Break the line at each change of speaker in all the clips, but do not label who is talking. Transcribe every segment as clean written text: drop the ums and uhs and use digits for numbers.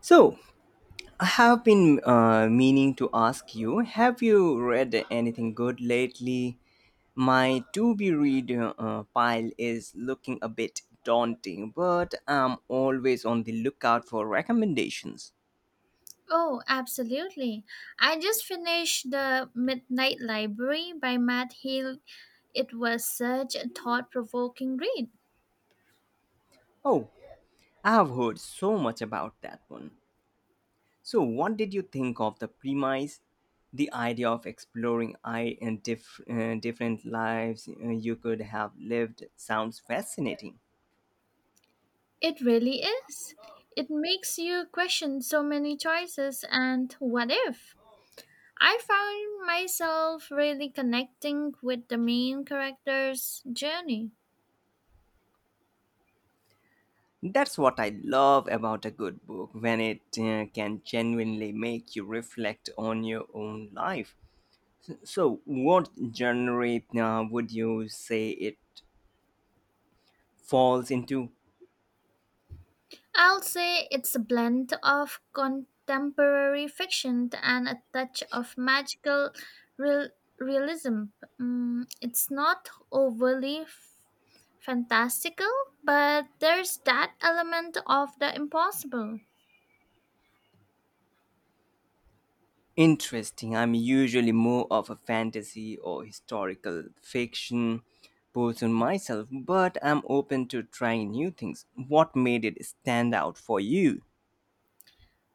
So, I have been meaning to ask, you have you read anything good lately? My to be read pile is looking a bit daunting, but I'm always on the lookout for recommendations.
Oh, absolutely. I just finished The Midnight Library by Matt Hill. It was such a thought provoking read.
Oh, I have heard so much about that one. So, what did you think of the premise? The idea of exploring I and different lives you could have lived sounds fascinating.
It really is. It makes you question so many choices and what if. I found myself really connecting with the main character's journey.
That's what I love about a good book, when it can genuinely make you reflect on your own life. So, what genre would you say it falls into?
I'll say it's a blend of contemporary fiction and a touch of magical real- realism. It's not overly fantastical, but there's that element of the impossible.
Interesting. I'm usually more of a fantasy or historical fiction person myself, but I'm open to trying new things. What made it stand out for you?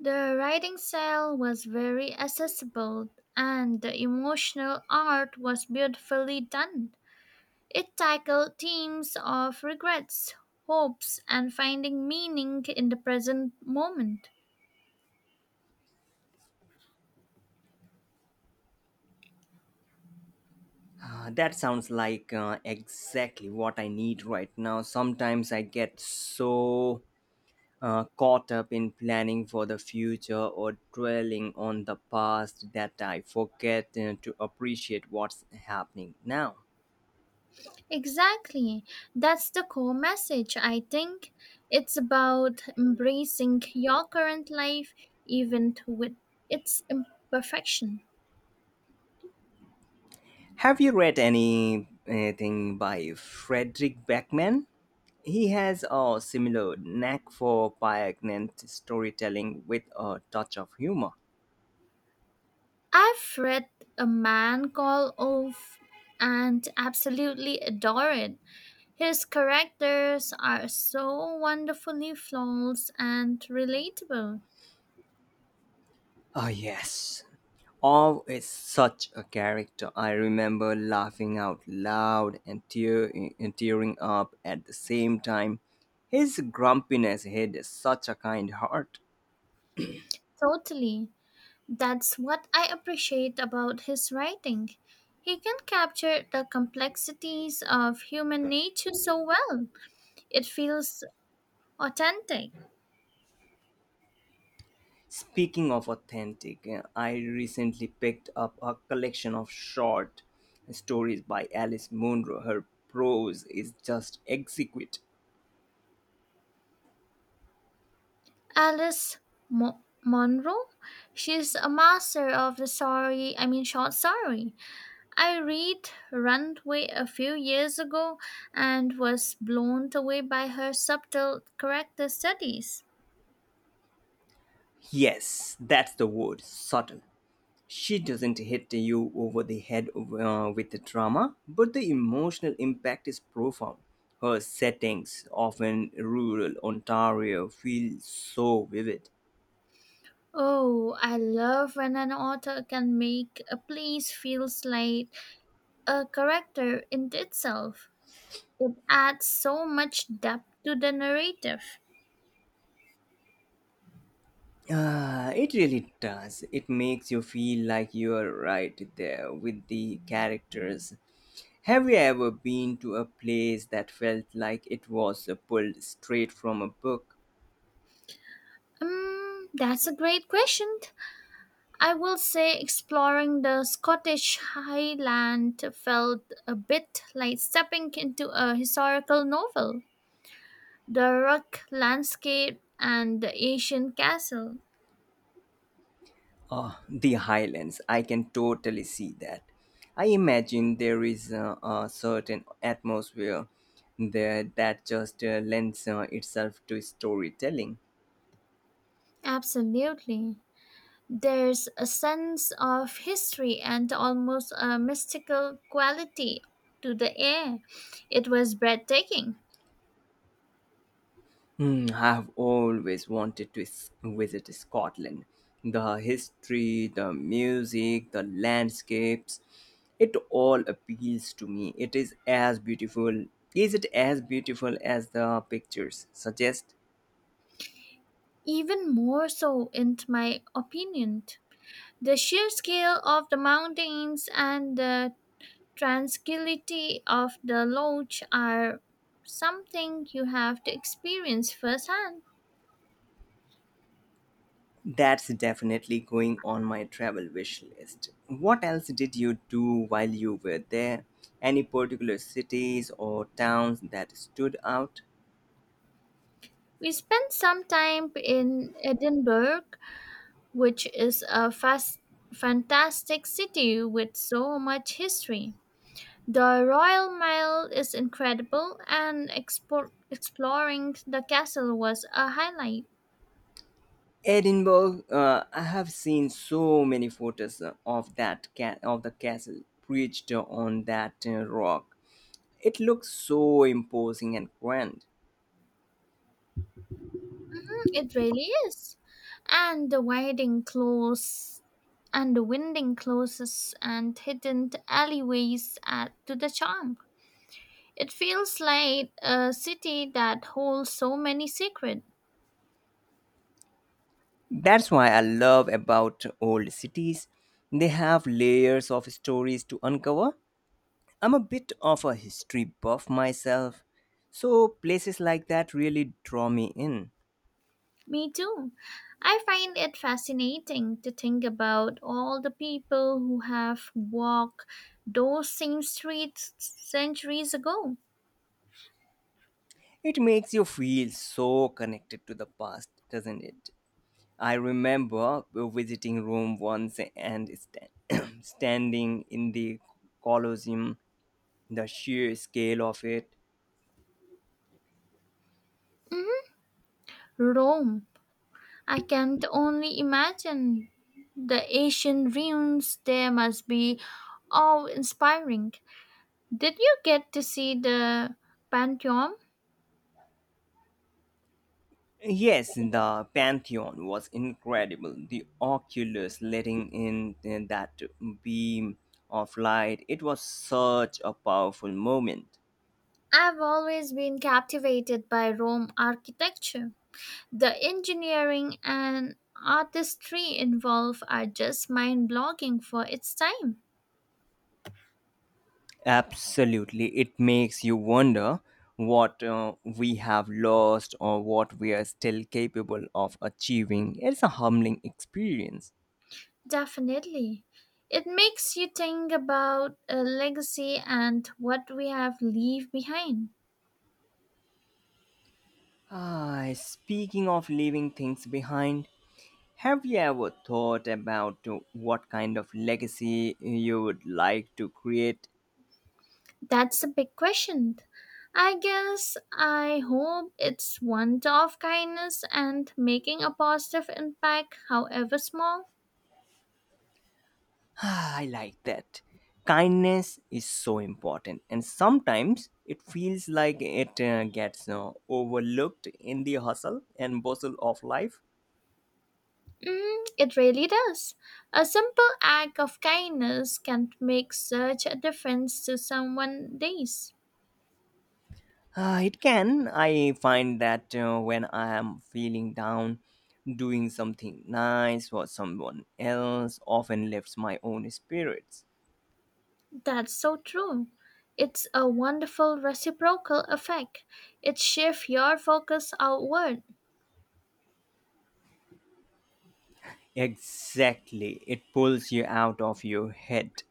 The writing style was very accessible, and the emotional art was beautifully done. It tackled themes of regrets, hopes, and finding meaning in the present moment.
That sounds like exactly what I need right now. Sometimes I get so caught up in planning for the future or dwelling on the past that I forget to appreciate what's happening now.
Exactly. That's the core message, I think. It's about embracing your current life, even with its imperfection.
Have you read anything by Frederick Beckman? He has a similar knack for poignant storytelling with a touch of humor.
I've read A Man Called Off and absolutely adore it. His characters are so wonderfully flawless and relatable.
Oh, yes. Orv is such a character. I remember laughing out loud and tearing up at the same time. His grumpiness hid such a kind heart.
Totally. That's what I appreciate about his writing. He can capture the complexities of human nature so well. It feels authentic.
Speaking of authentic, I recently picked up a collection of short stories by Alice Munro. Her prose is just exquisite.
Alice Monroe, she's a master of the story, I mean short story. I read Runaway a few years ago and was blown away by her subtle character studies.
Yes, that's the word, subtle. She doesn't hit you over the head with the drama, but the emotional impact is profound. Her settings, often rural Ontario, feel so vivid.
Oh, I love when an author can make a place feels like a character in itself. It adds so much depth to the narrative.
Ah, it really does. It makes you feel like you're right there with the characters. Have you ever been to a place that felt like it was pulled straight from a book?
That's a great question. I will say exploring the Scottish Highland felt a bit like stepping into a historical novel. The rock landscape and the ancient castle.
The highlands, I can totally see that. I imagine there is a certain atmosphere there that just lends itself to storytelling.
Absolutely. There's a sense of history and almost a mystical quality to the air. It was breathtaking,
Hmm, I've always wanted to visit Scotland. The history, the music, the landscapes, it all appeals to me. It is as beautiful. Is it as beautiful as the pictures suggest?
even more so, in my opinion. The sheer scale of the mountains and the tranquility of the lodge are something you have to experience firsthand.
That's definitely going on my travel wish list. What else did you do while you were there? Any particular cities or towns that stood out?
We spent some time in Edinburgh which is a fantastic city with so much history. The Royal Mile is incredible, and exploring the castle was a highlight.
Edinburgh, I have seen so many photos of of the castle perched on that rock. It looks so imposing and grand.
It really is. And the winding close and the winding closes and hidden alleyways add to the charm. It feels like a city that holds so many secrets.
That's why I love about old cities. They have layers of stories to uncover. I'm a bit of a history buff myself, so places like that really draw me in.
Me too. I find it fascinating to think about all the people who have walked those same streets centuries ago.
It makes you feel so connected to the past, doesn't it? I remember visiting Rome once and standing in the Colosseum, the sheer scale of it.
Mhm. Rome. I can't only imagine the ancient ruins there must be awe inspiring. Did you get to see the Pantheon?
Yes, the Pantheon was incredible. The oculus letting in that beam of light, it was such a powerful moment.
I've always been captivated by Rome architecture. The engineering and artistry involved are just mind blogging for its time.
Absolutely. It makes you wonder what we have lost or what we are still capable of achieving. It's a humbling experience.
Definitely. It makes you think about a legacy and what we have leave behind.
Ah, speaking of leaving things behind, have you ever thought about what kind of legacy you would like to create?
That's a big question. I guess I hope it's one of kindness and making a positive impact, however small.
Ah, I like that. Kindness is so important, and sometimes it feels like it gets overlooked in the hustle and bustle of life.
It really does. A simple act of kindness can make such a difference to someone's days.
Ah, it can. I find that when I am feeling down, doing something nice for someone else often lifts my own spirits.
That's so true. It's a wonderful reciprocal effect. It shifts your focus outward.
Exactly. It pulls you out of your head,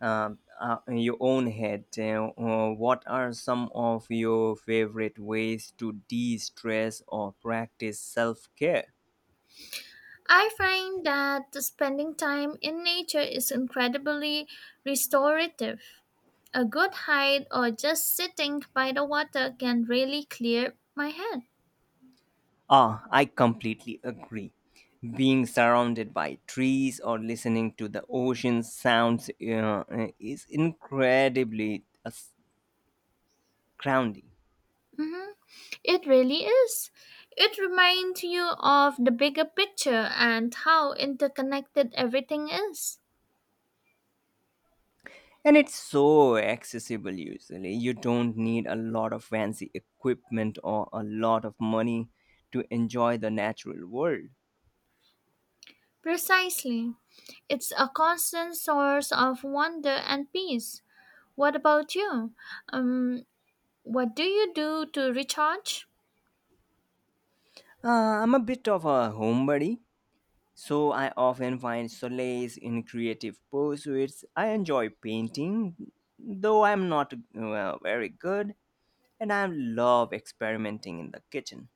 in your own head. Uh, what are some of your favorite ways to de stress or practice self care?
I find that spending time in nature is incredibly restorative. A good hike or just sitting by the water can really clear my head.
Ah, I completely agree. Being surrounded by trees or listening to the ocean sounds is incredibly grounding.
hmm It really is. It reminds you of the bigger picture and how interconnected everything is.
And it's so accessible usually. You don't need a lot of fancy equipment or a lot of money to enjoy the natural world.
Precisely. It's a constant source of wonder and peace. What about you? Um, what do you do to recharge?
I'm a bit of a homebody, so I often find solace in creative pursuits. I enjoy painting, though I'm not, well, very good, and I love experimenting in the kitchen.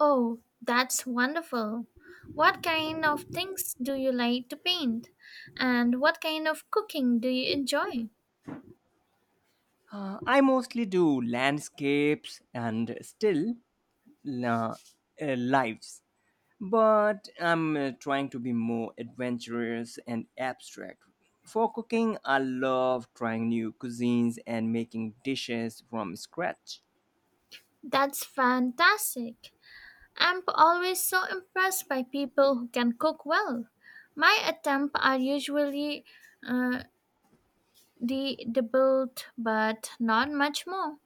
Oh, that's wonderful. What kind of things do you like to paint? And what kind of cooking do you enjoy?
I mostly do landscapes and still uh, lives, but I'm trying to be more adventurous and abstract. For cooking, I love trying new cuisines and making dishes from scratch.
That's fantastic. I'm always so impressed by people who can cook well. My attempts are usually uh, the doubled, but not much more.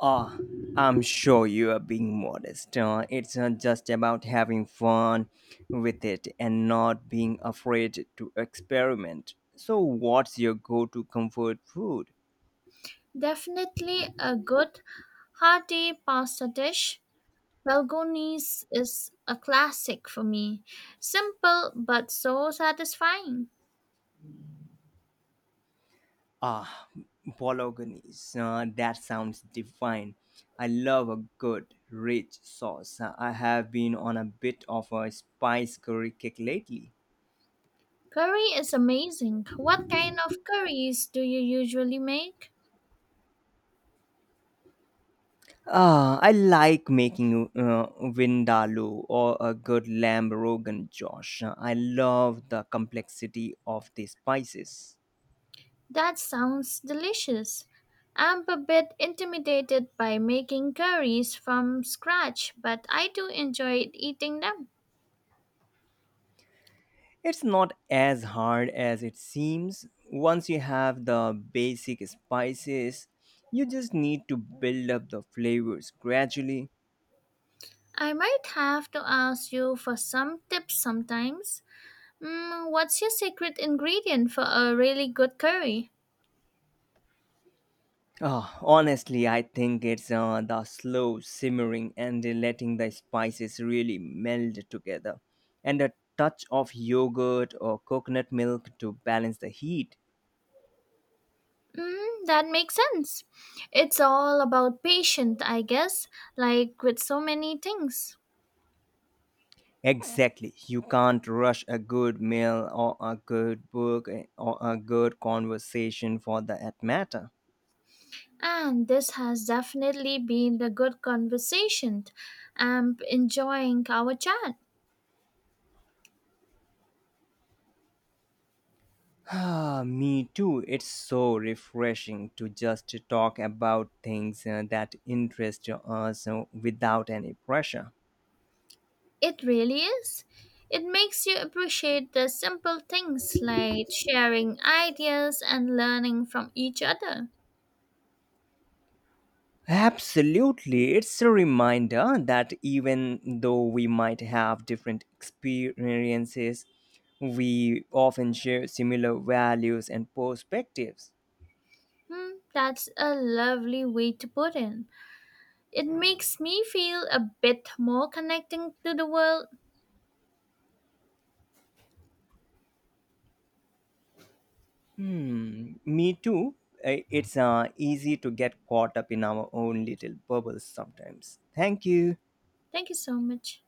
Ah, I'm sure you are being modest. It's just about having fun with it and not being afraid to experiment. So, what's your go to comfort food?
Definitely a good hearty pasta dish. Balgonis is a classic for me. Simple but so satisfying.
Ah, bolognese. That sounds divine. I love a good, rich sauce. I have been on a bit of a spice curry kick lately.
Curry is amazing. What kind of curries do you usually make?
Ah, I like making vindaloo or a good lamb rogan josh. I love the complexity of the spices.
That sounds delicious. I'm a bit intimidated by making curries from scratch, but I do enjoy eating them.
It's not as hard as it seems. Once you have the basic spices, you just need to build up the flavors gradually.
I might have to ask you for some tips sometimes. What's your secret ingredient for a really good curry?
Honestly, I think it's the slow simmering and letting the spices really meld together, and a touch of yogurt or coconut milk to balance the heat.
That makes sense. It's all about patience, I guess, like with so many things.
Exactly, you can't rush a good meal or a good book or a good conversation for that matter.
And this has definitely been a good conversation. I'm enjoying our chat.
Ah, me too. It's so refreshing to just talk about things that interest us without any pressure.
It really is. It makes you appreciate the simple things like sharing ideas and learning from each other.
Absolutely. It's a reminder that even though we might have different experiences, we often share similar values and perspectives.
That's a lovely way to put it. It makes me feel a bit more connecting to the world.
Hmm, me too. It's easy to get caught up in our own little bubbles sometimes. Thank you.
Thank you so much.